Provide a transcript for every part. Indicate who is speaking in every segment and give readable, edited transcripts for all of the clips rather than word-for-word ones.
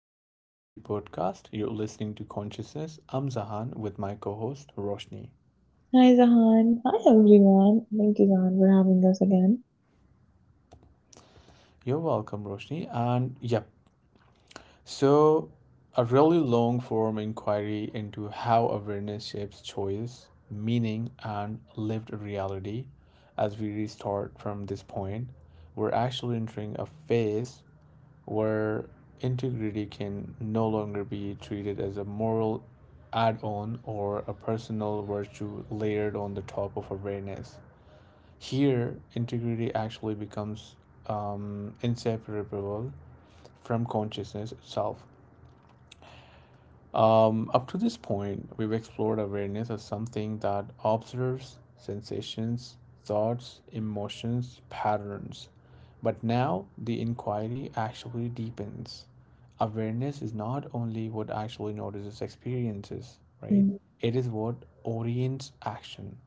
Speaker 1: welcome back to the podcast. You're listening to Consciousness. I'm Zahan with my co host, Roshni.
Speaker 2: Hi Zahan. Hi everyone. Thank you, Zahan, for having us again.
Speaker 1: You're welcome, Roshni. And yep, so a really long form inquiry into how awareness shapes choice, meaning, and lived reality. As we restart from this point, we're actually entering a phase where integrity can no longer be treated as a moral add on or a personal virtue layered on the top of awareness. Here, integrity actually becomes inseparable from consciousness itself. Up to this point, we've explored awareness as something that observes sensations, thoughts, emotions, patterns. But now the inquiry actually deepens. Awareness is not only what actually notices experiences, right?
Speaker 2: 嗯
Speaker 1: It is what orients action.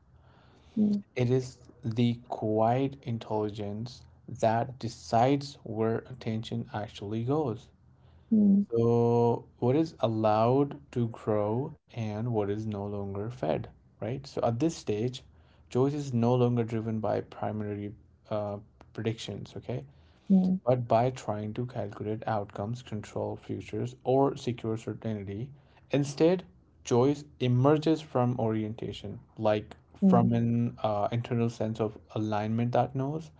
Speaker 2: 嗯
Speaker 1: It is the quiet intelligence that decides where attention actually goes.
Speaker 2: 嗯。
Speaker 1: So, what is allowed to grow and what is no longer fed, right? So, at this stage, choice is no longer driven by primary uh, predictions, okay?
Speaker 2: Hum,
Speaker 1: But by trying to calculate outcomes, control futures, or secure certainty. Instead, choice emerges from orientation, like from
Speaker 2: hum,
Speaker 1: an internal sense of alignment that knows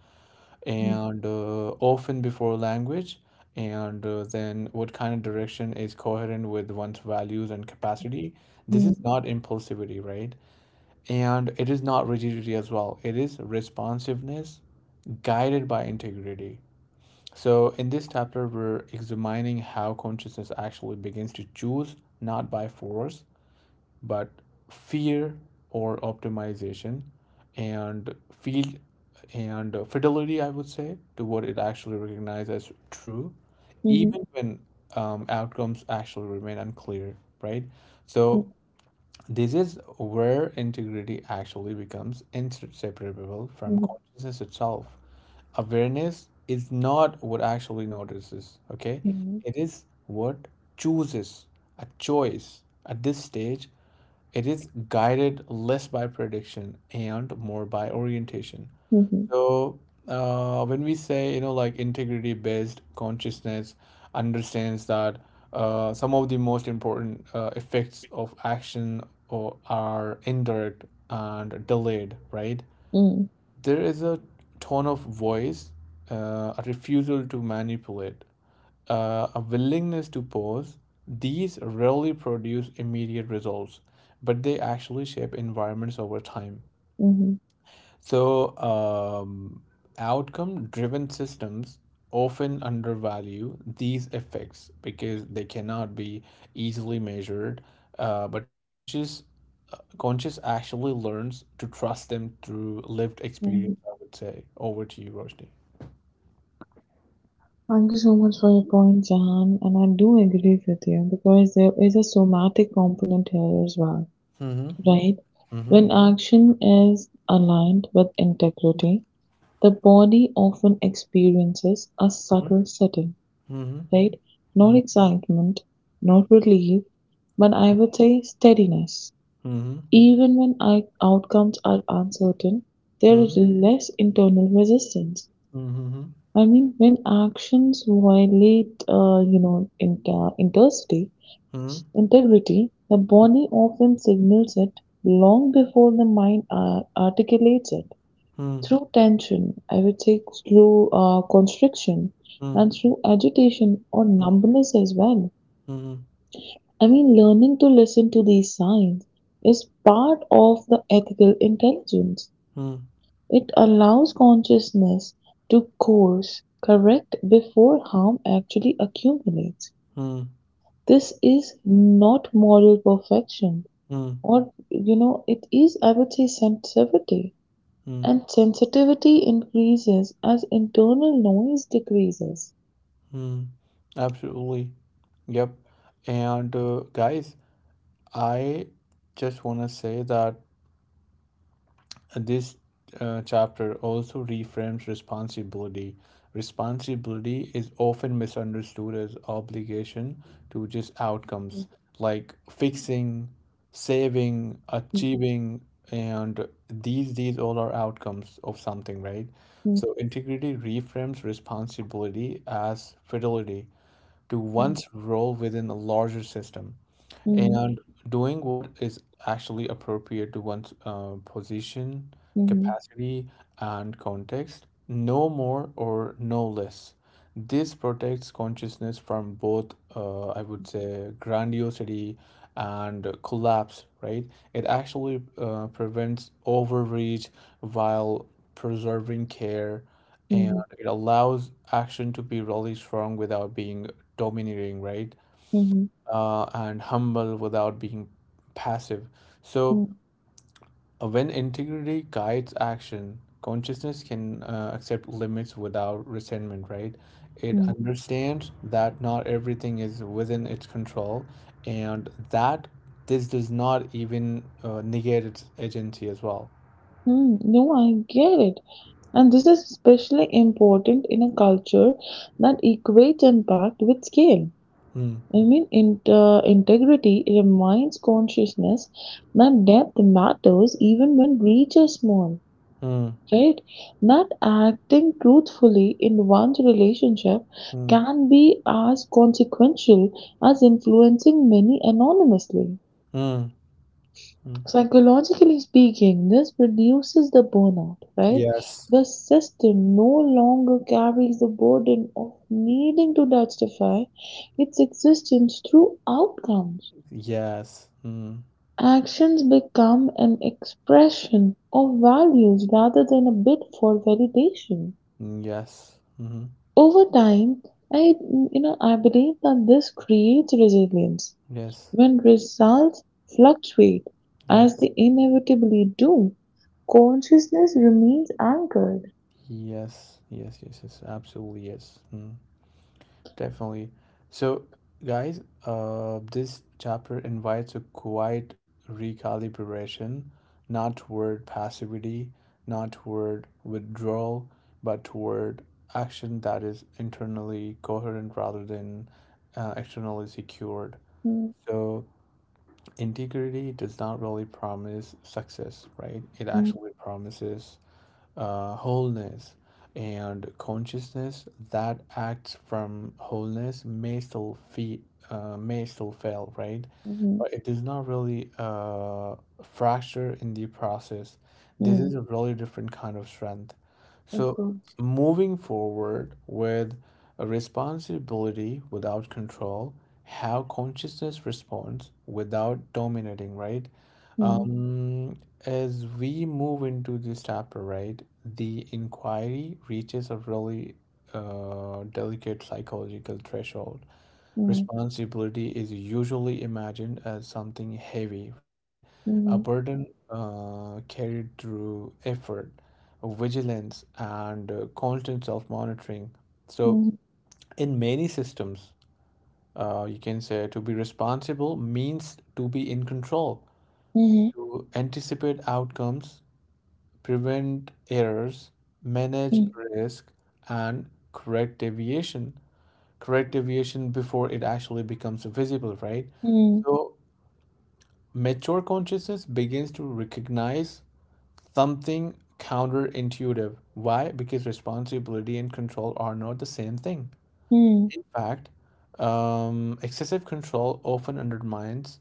Speaker 2: hum,
Speaker 1: and often before language, and then what kind of direction is coherent with one's values and capacity. This is
Speaker 2: hum.
Speaker 1: not impulsivity, right? And it is not rigidity as well, it is responsiveness guided by integrity. So, in this chapter, we're examining how consciousness actually begins to choose not by force but fear or optimization and field and fidelity, I would say, to what it actually recognized as true,
Speaker 2: Uhum,
Speaker 1: even when outcomes actually remain unclear, right? So
Speaker 2: hum,
Speaker 1: this is where integrity actually becomes inseparable from
Speaker 2: uhum,
Speaker 1: consciousness itself. Awareness is not what actually notices, okay?
Speaker 2: mhm,
Speaker 1: It is what chooses, a choice at this stage it is guided less by prediction and more by orientation.
Speaker 2: mhm,
Speaker 1: So, when we say, you know, like integrity based consciousness understands that some of the most important effects of action or are indirect and delayed, right?
Speaker 2: mm,
Speaker 1: There is a tone of voice, a refusal to manipulate, a willingness to pause. These rarely produce immediate results, but they actually shape environments over time.
Speaker 2: mhm,
Speaker 1: So, outcome driven systems often undervalue these effects because they cannot be easily measured, but conscious actually learns to trust them through lived experience,
Speaker 2: mhm.
Speaker 1: I would say. Over to you, Roshni.
Speaker 2: Thank you so much for your point, Jahan, and I do agree with you because there is a somatic component here as well,
Speaker 1: Mm-hmm.
Speaker 2: right?
Speaker 1: Mm-hmm.
Speaker 2: When action is aligned with integrity, the body often experiences a subtle setting,
Speaker 1: Mm-hmm.
Speaker 2: right? Not excitement, not relief, but I would say steadiness.
Speaker 1: Mm-hmm.
Speaker 2: Even when outcomes are uncertain,
Speaker 1: Mm-hmm.
Speaker 2: there
Speaker 1: Mm-hmm.
Speaker 2: is less internal resistance.
Speaker 1: Mm-hmm. Mm-hmm.
Speaker 2: I mean, when actions violate, integrity, the body often signals it long before the mind articulates it. Through tension, I would say, through constriction,
Speaker 1: Mm-hmm.
Speaker 2: and through agitation or numbness as well.
Speaker 1: Mm-hmm.
Speaker 2: I mean, learning to listen to these signs is part of the ethical intelligence.
Speaker 1: Mm-hmm.
Speaker 2: It allows consciousness to course correct before harm actually accumulates.
Speaker 1: Mm-hmm.
Speaker 2: This is not moral perfection, or, it is, I would say, sensitivity.
Speaker 1: Mm-hmm.
Speaker 2: And sensitivity increases as internal noise decreases.
Speaker 1: Hmm. Absolutely. Yep. And guys, I just want to say that this chapter also reframes responsibility. Responsibility is often misunderstood as obligation to just
Speaker 2: Mhm,
Speaker 1: outcomes like fixing, saving, achieving, and these all are outcomes of something, right? So integrity reframes responsibility as fidelity to
Speaker 2: mhm,
Speaker 1: one's role within a larger system
Speaker 2: mhm,
Speaker 1: and doing what is actually appropriate to one's position, capacity, and context, no more or no less. This protects consciousness from both, I would say, grandiosity and collapse, right? It actually prevents overreach while preserving care
Speaker 2: mhm,
Speaker 1: it allows action to be really strong without being domineering, right?
Speaker 2: mhm,
Speaker 1: And humble without being passive.
Speaker 2: mhm,
Speaker 1: So, when integrity guides action, consciousness can accept limits without resentment, right? It
Speaker 2: mhm.
Speaker 1: understands that not everything is within its control and that this does not even negate its agency as well.
Speaker 2: No, I get it. And this is especially important in a culture that equates impact with scale.
Speaker 1: Mm,
Speaker 2: I mean, integrity reminds consciousness that depth matters even when reach is small,
Speaker 1: mm,
Speaker 2: right? That acting truthfully in one's relationship
Speaker 1: mm,
Speaker 2: can be as consequential as influencing many anonymously.
Speaker 1: mm, mm.
Speaker 2: Psychologically speaking, this reduces the burnout, right?
Speaker 1: Yes.
Speaker 2: The system no longer carries the burden of needing to justify its existence through outcomes.
Speaker 1: Yes. Mm.
Speaker 2: Actions become an expression of values rather than a bid for validation.
Speaker 1: Mm, yes. Hmm.
Speaker 2: Over time, I you know I believe that this creates resilience.
Speaker 1: Yes.
Speaker 2: When results fluctuate, as
Speaker 1: Yes.
Speaker 2: they inevitably do, consciousness remains anchored.
Speaker 1: Yes. Yes. Yes. Yes. Absolutely. Yes. Mm, definitely. So, guys, this chapter invites a quiet recalibration, not toward passivity, not toward withdrawal, but toward action that is internally coherent rather than externally secured.
Speaker 2: Mm,
Speaker 1: So, integrity does not really promise success, right? It
Speaker 2: mm,
Speaker 1: actually promises wholeness and consciousness that acts from wholeness may still feel may still fail, right,
Speaker 2: mhm,
Speaker 1: but it does not really fracture in the process. This
Speaker 2: mm.
Speaker 1: is a really different kind of strength.
Speaker 2: Of
Speaker 1: So
Speaker 2: course.
Speaker 1: moving forward with a responsibility without control, how consciousness responds without dominating, right?
Speaker 2: Mm,
Speaker 1: um, as we move into this chapter, right, the inquiry reaches a really delicate psychological threshold.
Speaker 2: mm,
Speaker 1: Responsibility is usually imagined as something heavy, right? A
Speaker 2: mhm,
Speaker 1: burden carried through effort, vigilance, and constant self-monitoring. So,
Speaker 2: mhm,
Speaker 1: in many systems, you can say to be responsible means to be in control,
Speaker 2: mhm,
Speaker 1: to anticipate outcomes prevent errors, manage risk, and correct deviation. Correct deviation before it actually becomes visible, right?
Speaker 2: mhm,
Speaker 1: So, mature consciousness begins to recognize something counterintuitive. Why? Because responsibility and control are not the same thing.
Speaker 2: mhm,
Speaker 1: In fact, excessive control often undermines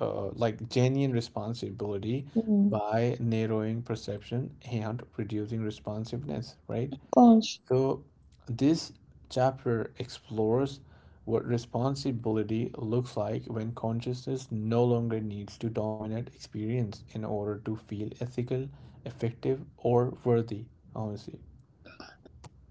Speaker 1: like genuine responsibility
Speaker 2: mhm.
Speaker 1: by narrowing perception and reducing responsiveness, right?
Speaker 2: Of course.
Speaker 1: So this chapter explores what responsibility looks like when consciousness no longer needs to dominate experience in order to feel ethical, effective, or worthy, honestly.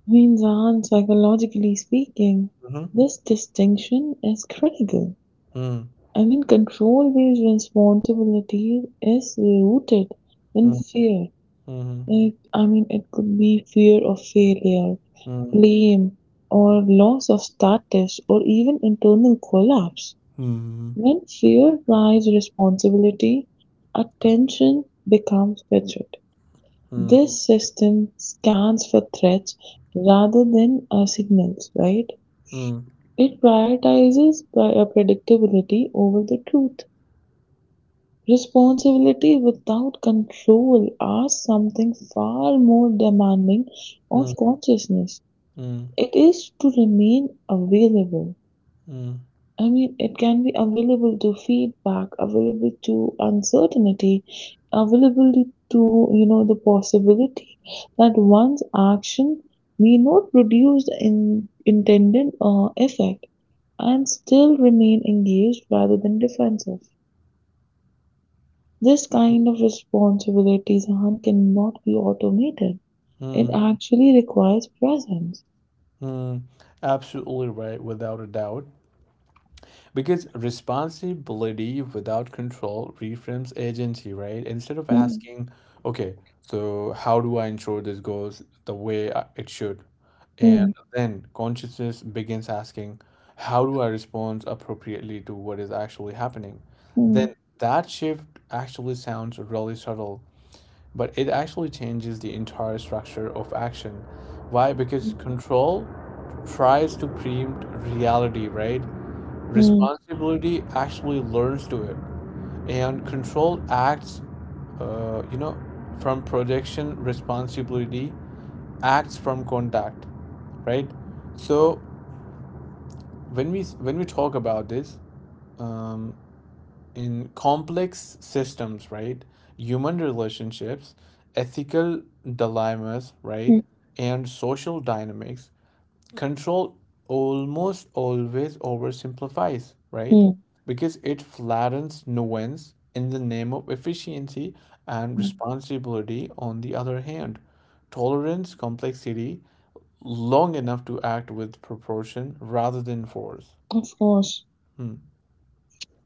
Speaker 2: Means aren't psychologically speaking,
Speaker 1: Mm-hmm.
Speaker 2: this distinction is critical.
Speaker 1: Mm-hmm.
Speaker 2: I mean, control based responsibility is rooted in fear.
Speaker 1: Mm-hmm.
Speaker 2: Like, I mean, it could be fear of failure, blame, or loss of status, or even internal collapse.
Speaker 1: Mm-hmm.
Speaker 2: When fear drives responsibility, attention becomes fidget. This system scans for threats rather than signals, right?
Speaker 1: Mm,
Speaker 2: It prioritizes by a predictability over the truth. Responsibility without control are something far more demanding of
Speaker 1: mm,
Speaker 2: consciousness.
Speaker 1: mm,
Speaker 2: It is to remain available.
Speaker 1: mm,
Speaker 2: I mean, it can be available to feedback, available to uncertainty, available to the possibility that one's action may not produce the intended effect and still remain engaged rather than defensive. This
Speaker 1: mm,
Speaker 2: kind of responsibilities, Sahan, cannot be automated. It
Speaker 1: mm,
Speaker 2: actually requires presence.
Speaker 1: mm. Absolutely right, without a doubt. Because responsibility without control reframes agency, right? Instead of
Speaker 2: Mm,
Speaker 1: asking, okay, so how do I ensure this goes the way I- it should? And
Speaker 2: mm,
Speaker 1: then consciousness begins asking, how do I respond appropriately to what is actually happening? Then
Speaker 2: mm,
Speaker 1: that shift actually sounds really subtle but it actually changes the entire structure of action. Why? Because control tries to preempt reality, right?
Speaker 2: mm,
Speaker 1: Responsibility actually learns to it, and control acts, you know, from projection. Responsibility acts from contact, right? So when we talk about this, um, in complex systems, right? Human relationships, ethical dilemmas, right?
Speaker 2: mm,
Speaker 1: And social dynamics, control almost always oversimplifies, right?
Speaker 2: mm,
Speaker 1: Because it flattens nuance in the name of efficiency and
Speaker 2: mm.
Speaker 1: responsibility, on the other hand. Tolerance, complexity, long enough to act with proportion rather than force.
Speaker 2: Of course.
Speaker 1: Hmm.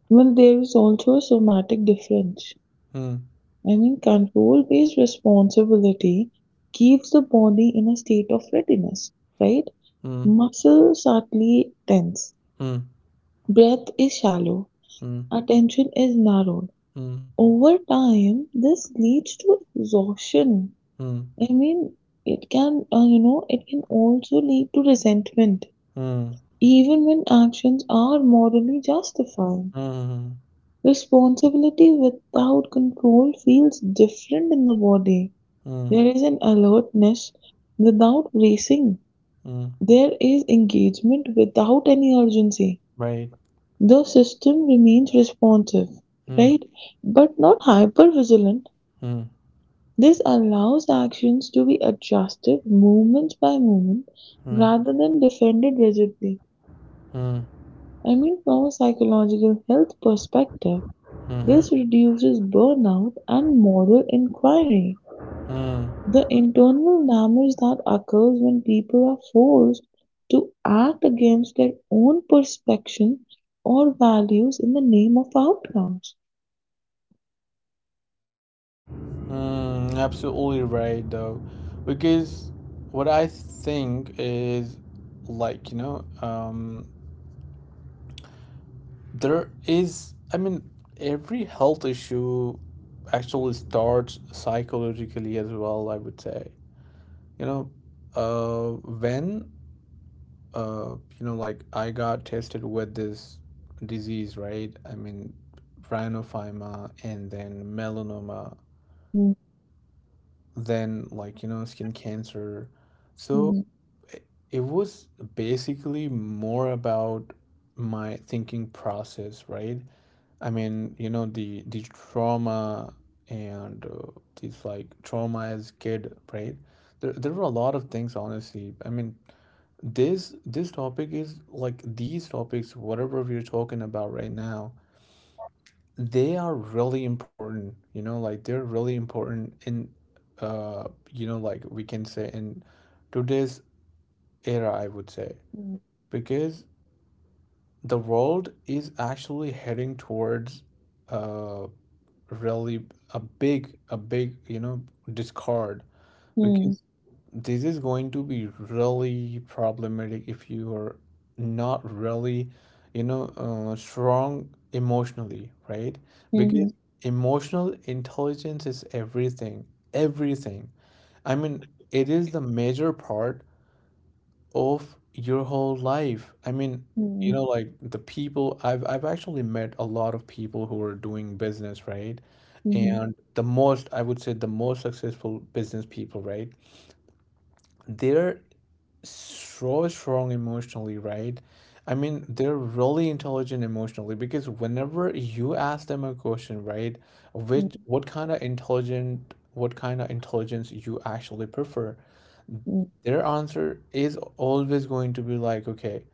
Speaker 2: Well, there is also a somatic difference.
Speaker 1: Hmm.
Speaker 2: I mean, control based responsibility keeps the body in a state of readiness, right?
Speaker 1: Hmm.
Speaker 2: Muscles subtly tense,
Speaker 1: Hmm.
Speaker 2: breath is shallow,
Speaker 1: Hmm.
Speaker 2: attention is narrowed.
Speaker 1: Hmm.
Speaker 2: Over time, this leads to exhaustion.
Speaker 1: Hmm.
Speaker 2: I mean, it can, it can also lead to resentment,
Speaker 1: Mm,
Speaker 2: even when actions are morally justified.
Speaker 1: mm, mm,
Speaker 2: Responsibility without control feels different in the body.
Speaker 1: mm,
Speaker 2: There is an alertness without bracing.
Speaker 1: mm.
Speaker 2: There is engagement without any urgency.
Speaker 1: Right.
Speaker 2: The system remains responsive,
Speaker 1: Mm,
Speaker 2: right? But not hyper vigilant.
Speaker 1: mm,
Speaker 2: This allows actions to be adjusted moment by moment
Speaker 1: mm,
Speaker 2: rather than defended rigidly.
Speaker 1: mm,
Speaker 2: I mean, from a psychological health perspective,
Speaker 1: mhm,
Speaker 2: this reduces burnout and moral inquiry.
Speaker 1: mm,
Speaker 2: The internal damage that occurs when people are forced to act against their own perception or values in the name of outcomes.
Speaker 1: mm, absolutely right, though. Because what I think is like, you know, there is, I mean, every health issue actually starts psychologically as well, I would say. You know, when you know, like I got tested with this disease, right? I mean, rhinophyma and then melanoma,
Speaker 2: Mhm.
Speaker 1: then like, you know, skin cancer. So
Speaker 2: Mhm.
Speaker 1: it, it was basically more about my thinking process, right? I mean, you know, the trauma and this like trauma as kid, right? There were a lot of things, honestly. I mean, this topic is like these topics whatever we're talking about right now, they are really important, you know, like they're really important in uh you know, like we can say in today's era, I would say, because the world is actually heading towards uh really a big you know discard.
Speaker 2: Mhm.
Speaker 1: Because this is going to be really problematic if you are not really, you know, strong emotionally, right?
Speaker 2: Mhm.
Speaker 1: Because emotional intelligence is everything, everything. I mean, it is the major part of your whole life. I mean, you know, like the people I've actually met a lot of people who are doing business, right?
Speaker 2: Mhm.
Speaker 1: And the most, I would say, the most successful business people, right? They're so strong emotionally, right? I mean, they're really intelligent emotionally because whenever you ask them a question, right, which
Speaker 2: Mhm.
Speaker 1: what kind of intelligent what kind of intelligence you actually prefer,
Speaker 2: Mhm.
Speaker 1: their answer is always going to be like, okay,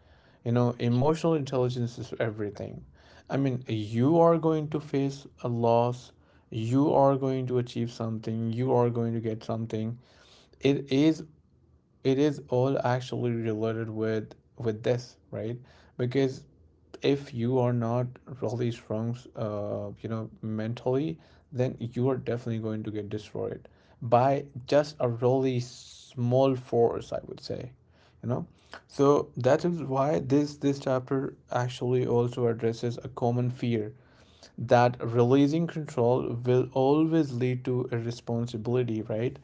Speaker 1: you know, emotional intelligence is everything. I mean, you are going to face a loss, you are going to achieve something, you are going to get something. It is it is all actually related with this, right? Because if you are not really strong, you know, mentally, then you are definitely going to get destroyed by just a really small force, I would say, you know. So that is why this chapter actually also addresses a common fear that releasing control will always lead to irresponsibility, right?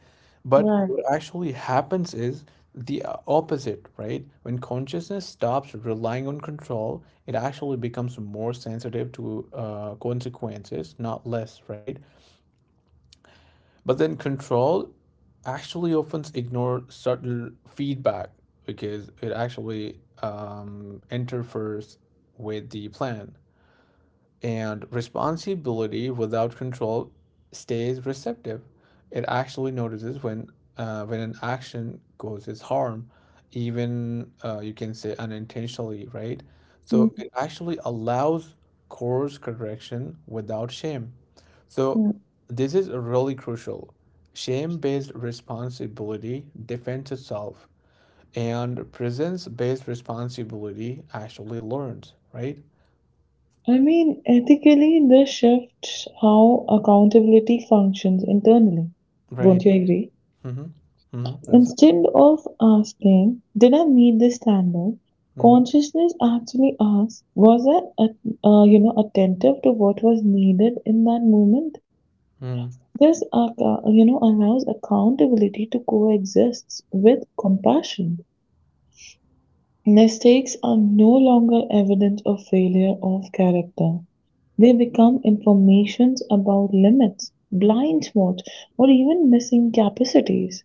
Speaker 1: But
Speaker 2: Right.
Speaker 1: what actually happens is the opposite, right? When consciousness stops relying on control, it actually becomes more sensitive to consequences, not less, right? But then control actually often ignore subtle feedback because it actually interferes with the plan. And responsibility without control stays receptive. It actually notices when an action causes harm, even you can say unintentionally, right? So it actually allows course correction without shame. So
Speaker 2: Mhm.
Speaker 1: this is really crucial. Shame-based responsibility defends itself, and presence-based responsibility actually learns, right?
Speaker 2: I mean, ethically, this shifts how accountability functions internally.
Speaker 1: Right.
Speaker 2: Won't you agree?
Speaker 1: Mhm. Mhm.
Speaker 2: Instead of asking, did I meet this standard?
Speaker 1: Absolutely.
Speaker 2: Consciousness actually asks, was I attentive to what was needed in that moment?
Speaker 1: Mhm.
Speaker 2: This allows accountability to coexist with compassion. Mistakes are no longer evidence of failure of character. They become informations about limits, blind spots, or even missing capacities.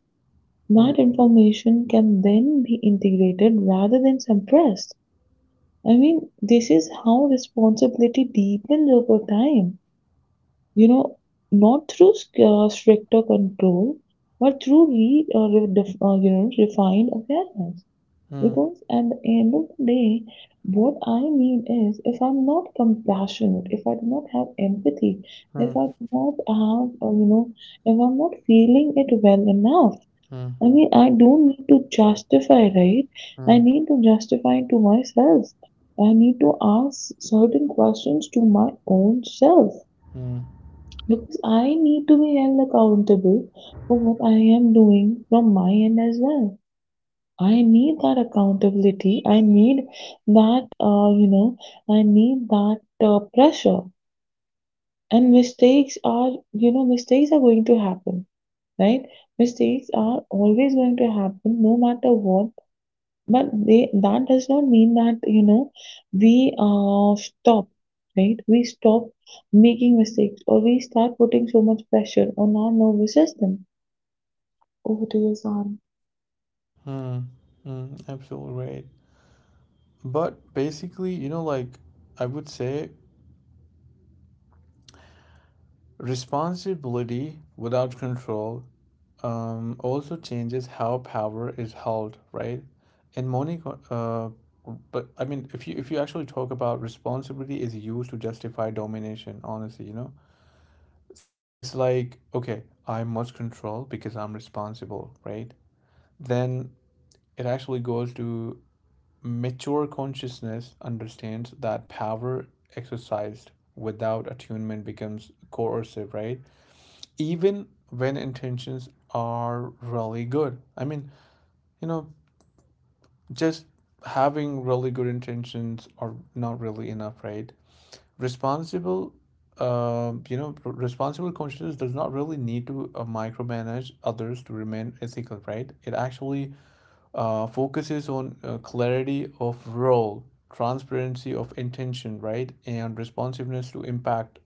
Speaker 1: Mm.
Speaker 2: That information can then be integrated rather than suppressed. I mean, this is how responsibility deepens over time. You know, not through stricter control, but through re, re, def, you know, refined awareness.
Speaker 1: Mm.
Speaker 2: Because at the end of the day, what I need is, if I'm not compassionate, if I do not have empathy,
Speaker 1: Mm.
Speaker 2: if
Speaker 1: Mm.
Speaker 2: I do not have, if I'm not feeling it well enough,
Speaker 1: Mm.
Speaker 2: I mean, I don't need to justify, right? I
Speaker 1: Mm.
Speaker 2: need to justify to myself. I need to ask certain questions to my own self
Speaker 1: Mm.
Speaker 2: because I need to be held accountable for what I am doing from my end as well. I need that accountability. I need that, I need that pressure. And mistakes are going to happen, right? Mistakes are always going to happen, no matter what. But they that does not mean that we stop, right? We stop making mistakes, or we start putting so much pressure on our nervous system. Over to you, Sam.
Speaker 1: Mm. Mm. Absolutely right. But basically, you know, like I would say responsibility without control also changes how power is held, right? In money. uh, but I mean, if you actually talk about responsibility is used to justify domination, honestly, you know, it's like okay, I must control because I'm responsible, right? Then it actually goes to mature consciousness understands that power exercised without attunement becomes coercive, right? Even when intentions are really good. I mean, you know, just having really good intentions are not really enough, right? Responsible, responsible consciousness does not really need to micromanage others to remain ethical, right? It actually focuses on clarity of role, transparency of intention, right, and responsiveness to impact.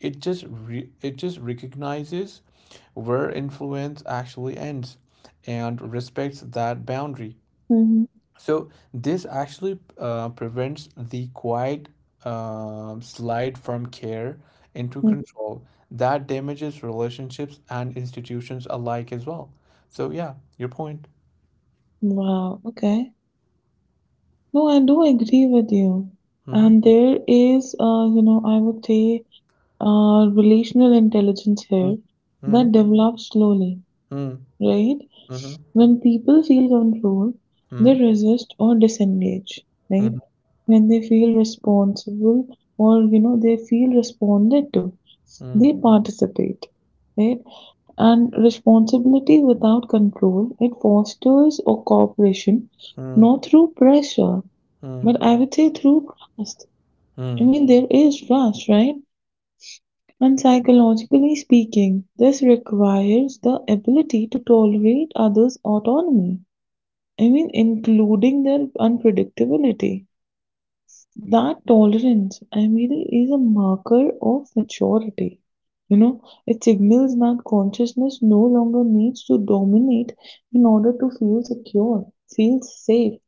Speaker 1: It just it just recognizes where influence actually ends and respects that boundary.
Speaker 2: Mm-hmm.
Speaker 1: So this actually prevents the quiet slide from care into control that damages relationships and institutions alike as well. So yeah, your point.
Speaker 2: Wow. Okay. No, I do agree with you.
Speaker 1: Mm-hmm.
Speaker 2: And there is, I would say, relational intelligence here that develops slowly,
Speaker 1: Mm,
Speaker 2: right?
Speaker 1: mhm,
Speaker 2: When people feel control,
Speaker 1: mm,
Speaker 2: they resist or disengage, right?
Speaker 1: mhm,
Speaker 2: When they feel responsible or, they feel responded to,
Speaker 1: mm,
Speaker 2: they participate, right? And responsibility without control, it fosters a cooperation,
Speaker 1: mm,
Speaker 2: not through pressure
Speaker 1: mm,
Speaker 2: but I would say through trust. I
Speaker 1: mm,
Speaker 2: mean, there is trust, right? And psychologically speaking, this requires the ability to tolerate others' autonomy. I mean, including their unpredictability. That tolerance, I mean, is a marker of maturity. You know, it signals that consciousness no longer needs to dominate in order to feel secure, feel safe.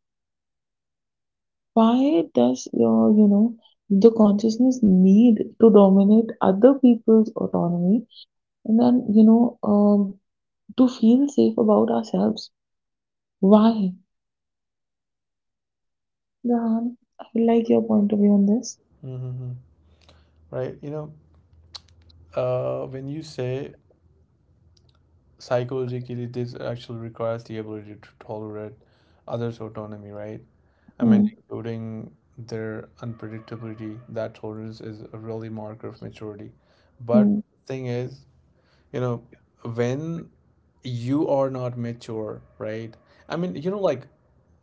Speaker 2: Why does your, the consciousness need to dominate other people's autonomy, and then to feel safe about ourselves? Why? Jahan, I like
Speaker 1: mm,
Speaker 2: your point of view on this.
Speaker 1: mhm. Right. When you say psychologically, this actually requires the ability to tolerate others' autonomy, right? I mean,
Speaker 2: Hmm,
Speaker 1: including their unpredictability, that tolerance is a really marker of maturity. But
Speaker 2: hmm,
Speaker 1: thing is, you know, when you are not mature, right? I mean,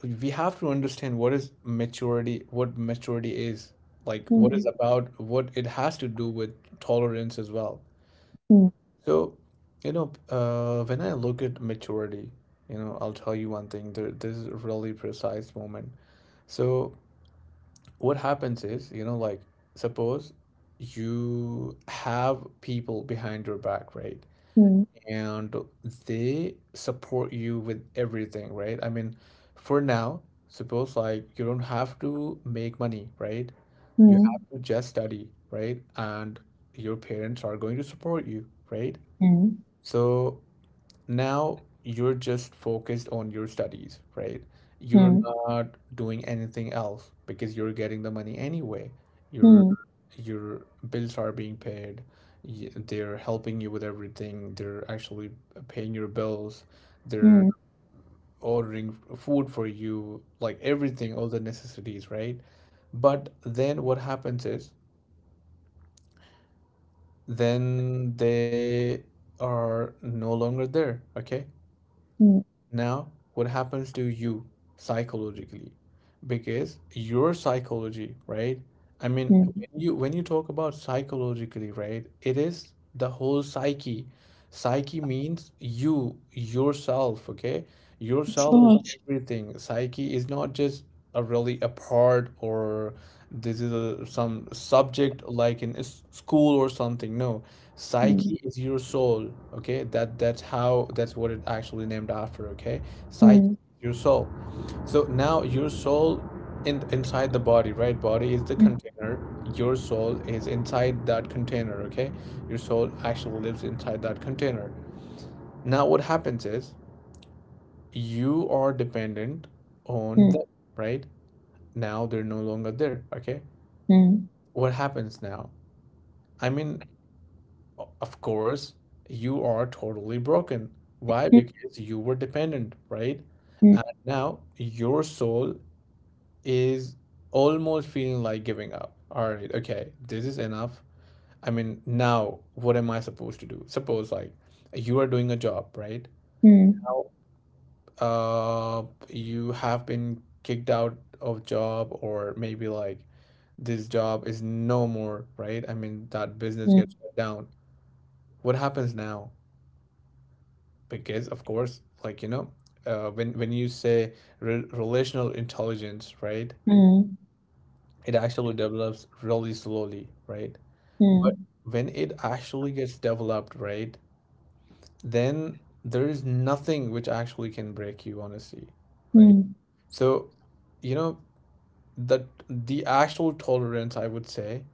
Speaker 1: we have to understand what is maturity, what maturity is, like what is
Speaker 2: hmm,
Speaker 1: about, what it has to do with tolerance as well.
Speaker 2: hmm,
Speaker 1: So, when I look at maturity, I'll tell you one thing. There, this is a really precise moment. So, what happens is, suppose you have people behind your back, right? And they support you with everything, right? I mean, for now, suppose like you don't have to make money, right? You
Speaker 2: hmm,
Speaker 1: have to just study, right? And your parents are going to support you, right?
Speaker 2: hmm,
Speaker 1: So now you're just focused on your studies, right? You're
Speaker 2: hmm,
Speaker 1: not doing anything else because you're getting the money anyway. Your
Speaker 2: hmm,
Speaker 1: your bills are being paid. They're helping you with everything. They're actually paying your bills. They're
Speaker 2: hmm,
Speaker 1: ordering food for you, like everything, all the necessities, right? But then what happens is then they are no longer there, okay?
Speaker 2: hmm,
Speaker 1: Now, what happens to you psychologically? Because your psychology, right? I mean,
Speaker 2: hmm, hmm.
Speaker 1: when you talk about psychologically, right? It is the whole psyche. Psyche means you, yourself, okay?
Speaker 2: Of
Speaker 1: Yourself is
Speaker 2: course.
Speaker 1: everything. Psyche is not just a really a part or this is a, some subject like in school or something. No,
Speaker 2: Hmm,
Speaker 1: psyche is your soul, okay? That's what it actually named after, okay? Psyche,
Speaker 2: hmm,
Speaker 1: your soul. So now your soul in inside the body, right? Body is the
Speaker 2: hmm,
Speaker 1: container. Your soul is inside that container, okay? Your soul actually lives inside that container. Now what happens is you are dependent on them,
Speaker 2: hmm,
Speaker 1: right? Now they're no longer there, okay?
Speaker 2: hmm,
Speaker 1: What happens now? I mean, of course, you are totally broken. Why?
Speaker 2: hmm,
Speaker 1: Because you were dependent, right?
Speaker 2: hmm,
Speaker 1: And now your soul is almost feeling like giving up. All right, okay, this is enough. I mean, now what am I supposed to do? Suppose, like, you are doing a job, right?
Speaker 2: hmm,
Speaker 1: Now, you have been kicked out of job, or maybe like this job is no more, right? I mean, that business gets shut down. What happens now? Because of course, when you say relational intelligence, right,
Speaker 2: hmm,
Speaker 1: it actually develops really slowly, right, but
Speaker 2: hmm,
Speaker 1: when it actually gets developed, right, then there is nothing which actually can break you, honestly, right.
Speaker 2: hmm,
Speaker 1: So, you know, that the actual tolerance, I would say,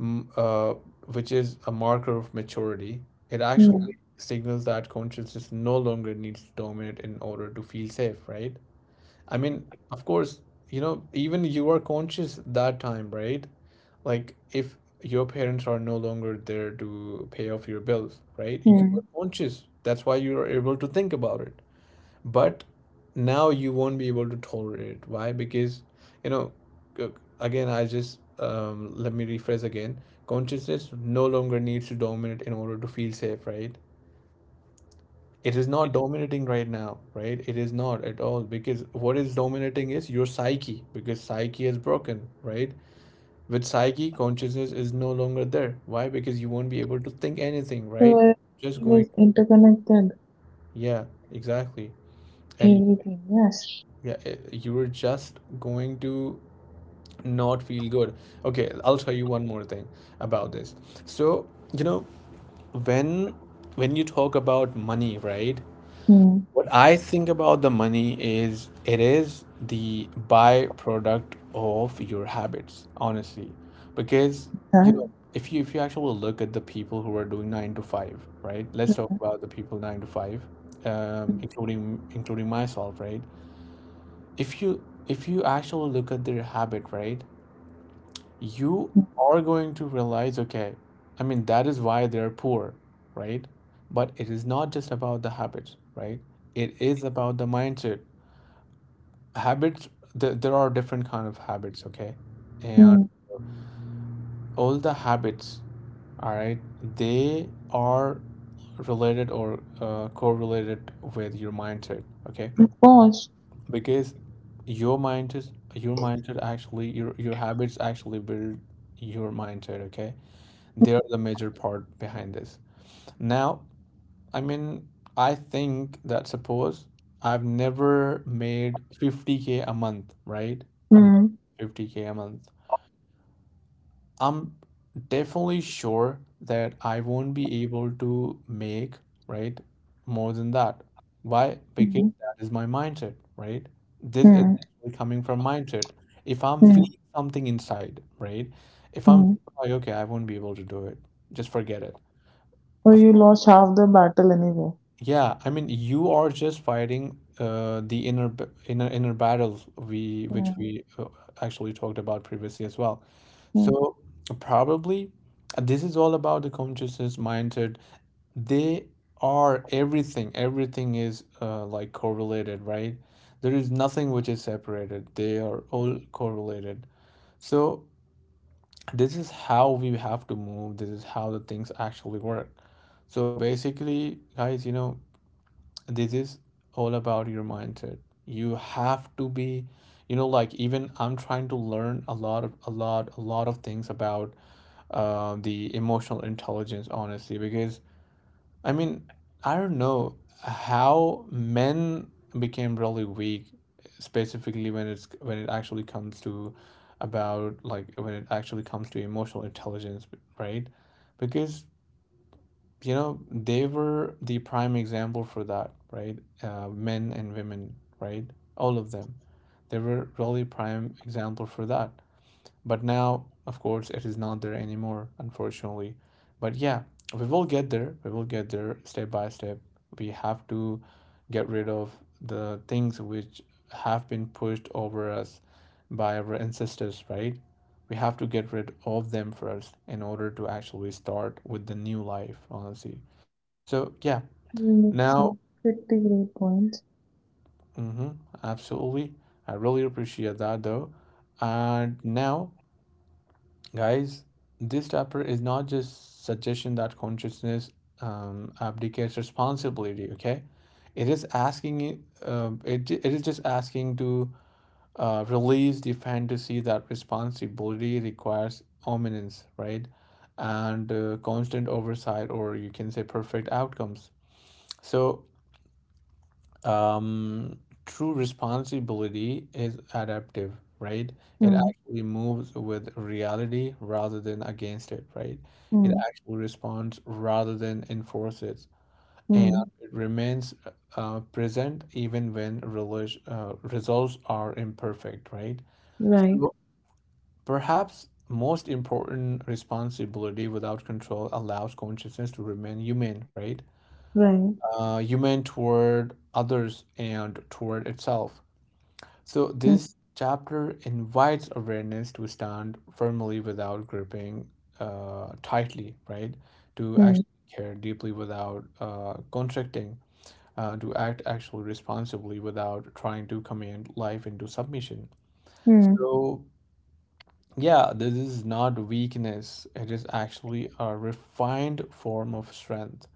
Speaker 1: m- uh, which is a marker of maturity. It
Speaker 2: hmm,
Speaker 1: actually
Speaker 2: hmm,
Speaker 1: signals that consciousness no longer needs to dominate in order to feel safe, right? I mean, of course, you know, even you are conscious that time, right? Like if your parents are no longer there to pay off your bills, right? You are
Speaker 2: hmm.
Speaker 1: conscious. That's why you are able to think about it, but now you won't be able to tolerate it. Why? Because, you know, again, I just let me rephrase again. Consciousness no longer needs to dominate in order to feel safe, right? It is not dominating right now, right? It is not at all, because what is dominating is your psyche, because psyche is broken, right? With psyche, consciousness is no longer there. Why? Because you won't be able to think anything, right?
Speaker 2: So
Speaker 1: Just
Speaker 2: everything
Speaker 1: going.
Speaker 2: is interconnected.
Speaker 1: Yeah, exactly. And
Speaker 2: Everything, yes.
Speaker 1: yeah, you were just going to not feel good. Okay, I'll tell you one more thing about this. So, you know, when when you talk about money, right?
Speaker 2: Hmm.
Speaker 1: What I think about the money is it is the byproduct of your habits, honestly. Because, you
Speaker 2: Huh?
Speaker 1: know, if you actually look at the people who are doing nine to five, right? Let's talk about the people nine to five,
Speaker 2: Hmm.
Speaker 1: including myself, right? If you actually look at their habit, right? You are going to realize, okay, I mean, that is why they're poor, right? But it is not just about the habits, right? It is about the mindset. Habits, there are different kind of habits, okay? And
Speaker 2: Hmm.
Speaker 1: all the habits, all right, they are related or correlated with your mindset, okay?
Speaker 2: Of course.
Speaker 1: Because your habits actually build your mindset, okay? They're the major part behind this. Now, I mean, I think that suppose I've never made 50K a month, right? A month,
Speaker 2: Hmm.
Speaker 1: 50K a month. I'm definitely sure that I won't be able to make, right, more than that. Why? Because
Speaker 2: Hmm.
Speaker 1: that is my mindset, right? This is
Speaker 2: Hmm.
Speaker 1: coming from mindset. If I'm
Speaker 2: Hmm.
Speaker 1: feeling something inside, right? If I'm
Speaker 2: Hmm.
Speaker 1: like, okay, I won't be able to do it, just forget it.
Speaker 2: Or you lost half the battle anyway.
Speaker 1: Yeah, I mean, you are just fighting the inner inner battle we which
Speaker 2: Hmm.
Speaker 1: we actually talked about previously as well.
Speaker 2: Hmm.
Speaker 1: So probably this is all about the consciousness mindset. They are everything. Everything is like correlated, right? There is nothing which is separated. They are all correlated. So this is how we have to move. This is how the things actually work. So basically, guys, you know, this is all about your mindset. You have to be, you know, like, even I'm trying to learn a lot of things about the emotional intelligence, honestly, because I mean, I don't know how men became really weak, specifically when it actually comes to about, like when it actually comes to emotional intelligence, right? Because, you know, they were the prime example for that, right? Men and women, right? All of them. They were really prime example for that. But now, of course, it is not there anymore, unfortunately. But yeah, we will get there. We will get there step by step. We have to get rid of the things which have been pushed over us by our ancestors, right? We have to get rid of them first in order to actually start with the new life, honestly. So yeah,
Speaker 2: You make
Speaker 1: now,
Speaker 2: some pretty great points.
Speaker 1: mm-hmm, absolutely. I really appreciate that though. And now, guys, this chapter is not just suggestion that consciousness abdicates responsibility. Okay, it is asking it. It is just asking to release the fantasy that responsibility requires ominence, right, and constant oversight, or you can say perfect outcomes. So um, true responsibility is adaptive, right? It
Speaker 2: Hmm.
Speaker 1: actually moves with reality rather than against it, right? It
Speaker 2: Hmm.
Speaker 1: actually responds rather than enforces, and
Speaker 2: Hmm.
Speaker 1: it remains present even when results are imperfect, right?
Speaker 2: Right.
Speaker 1: So perhaps most important, responsibility without control allows consciousness to remain human, right?
Speaker 2: Right.
Speaker 1: Human toward others and toward itself. So,
Speaker 2: Hmm.
Speaker 1: this chapter invites awareness to stand firmly without gripping tightly, right? To
Speaker 2: Hmm.
Speaker 1: actually care deeply without contracting, to act actually responsibly without trying to command life into submission.
Speaker 2: Hmm.
Speaker 1: So, yeah, this is not weakness. It is actually a refined form of strength.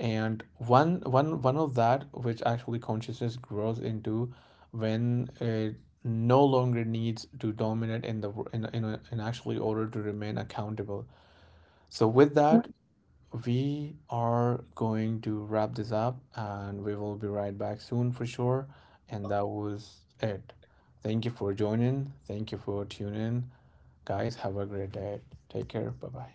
Speaker 1: And one of that which actually consciousness grows into when it no longer needs to dominate in the in actually order to remain accountable. So with that, we are going to wrap this up and we will be right back soon for sure. And that was it. Thank you for joining. Thank you for tuning in. Guys, have a great day. Take care. Bye bye.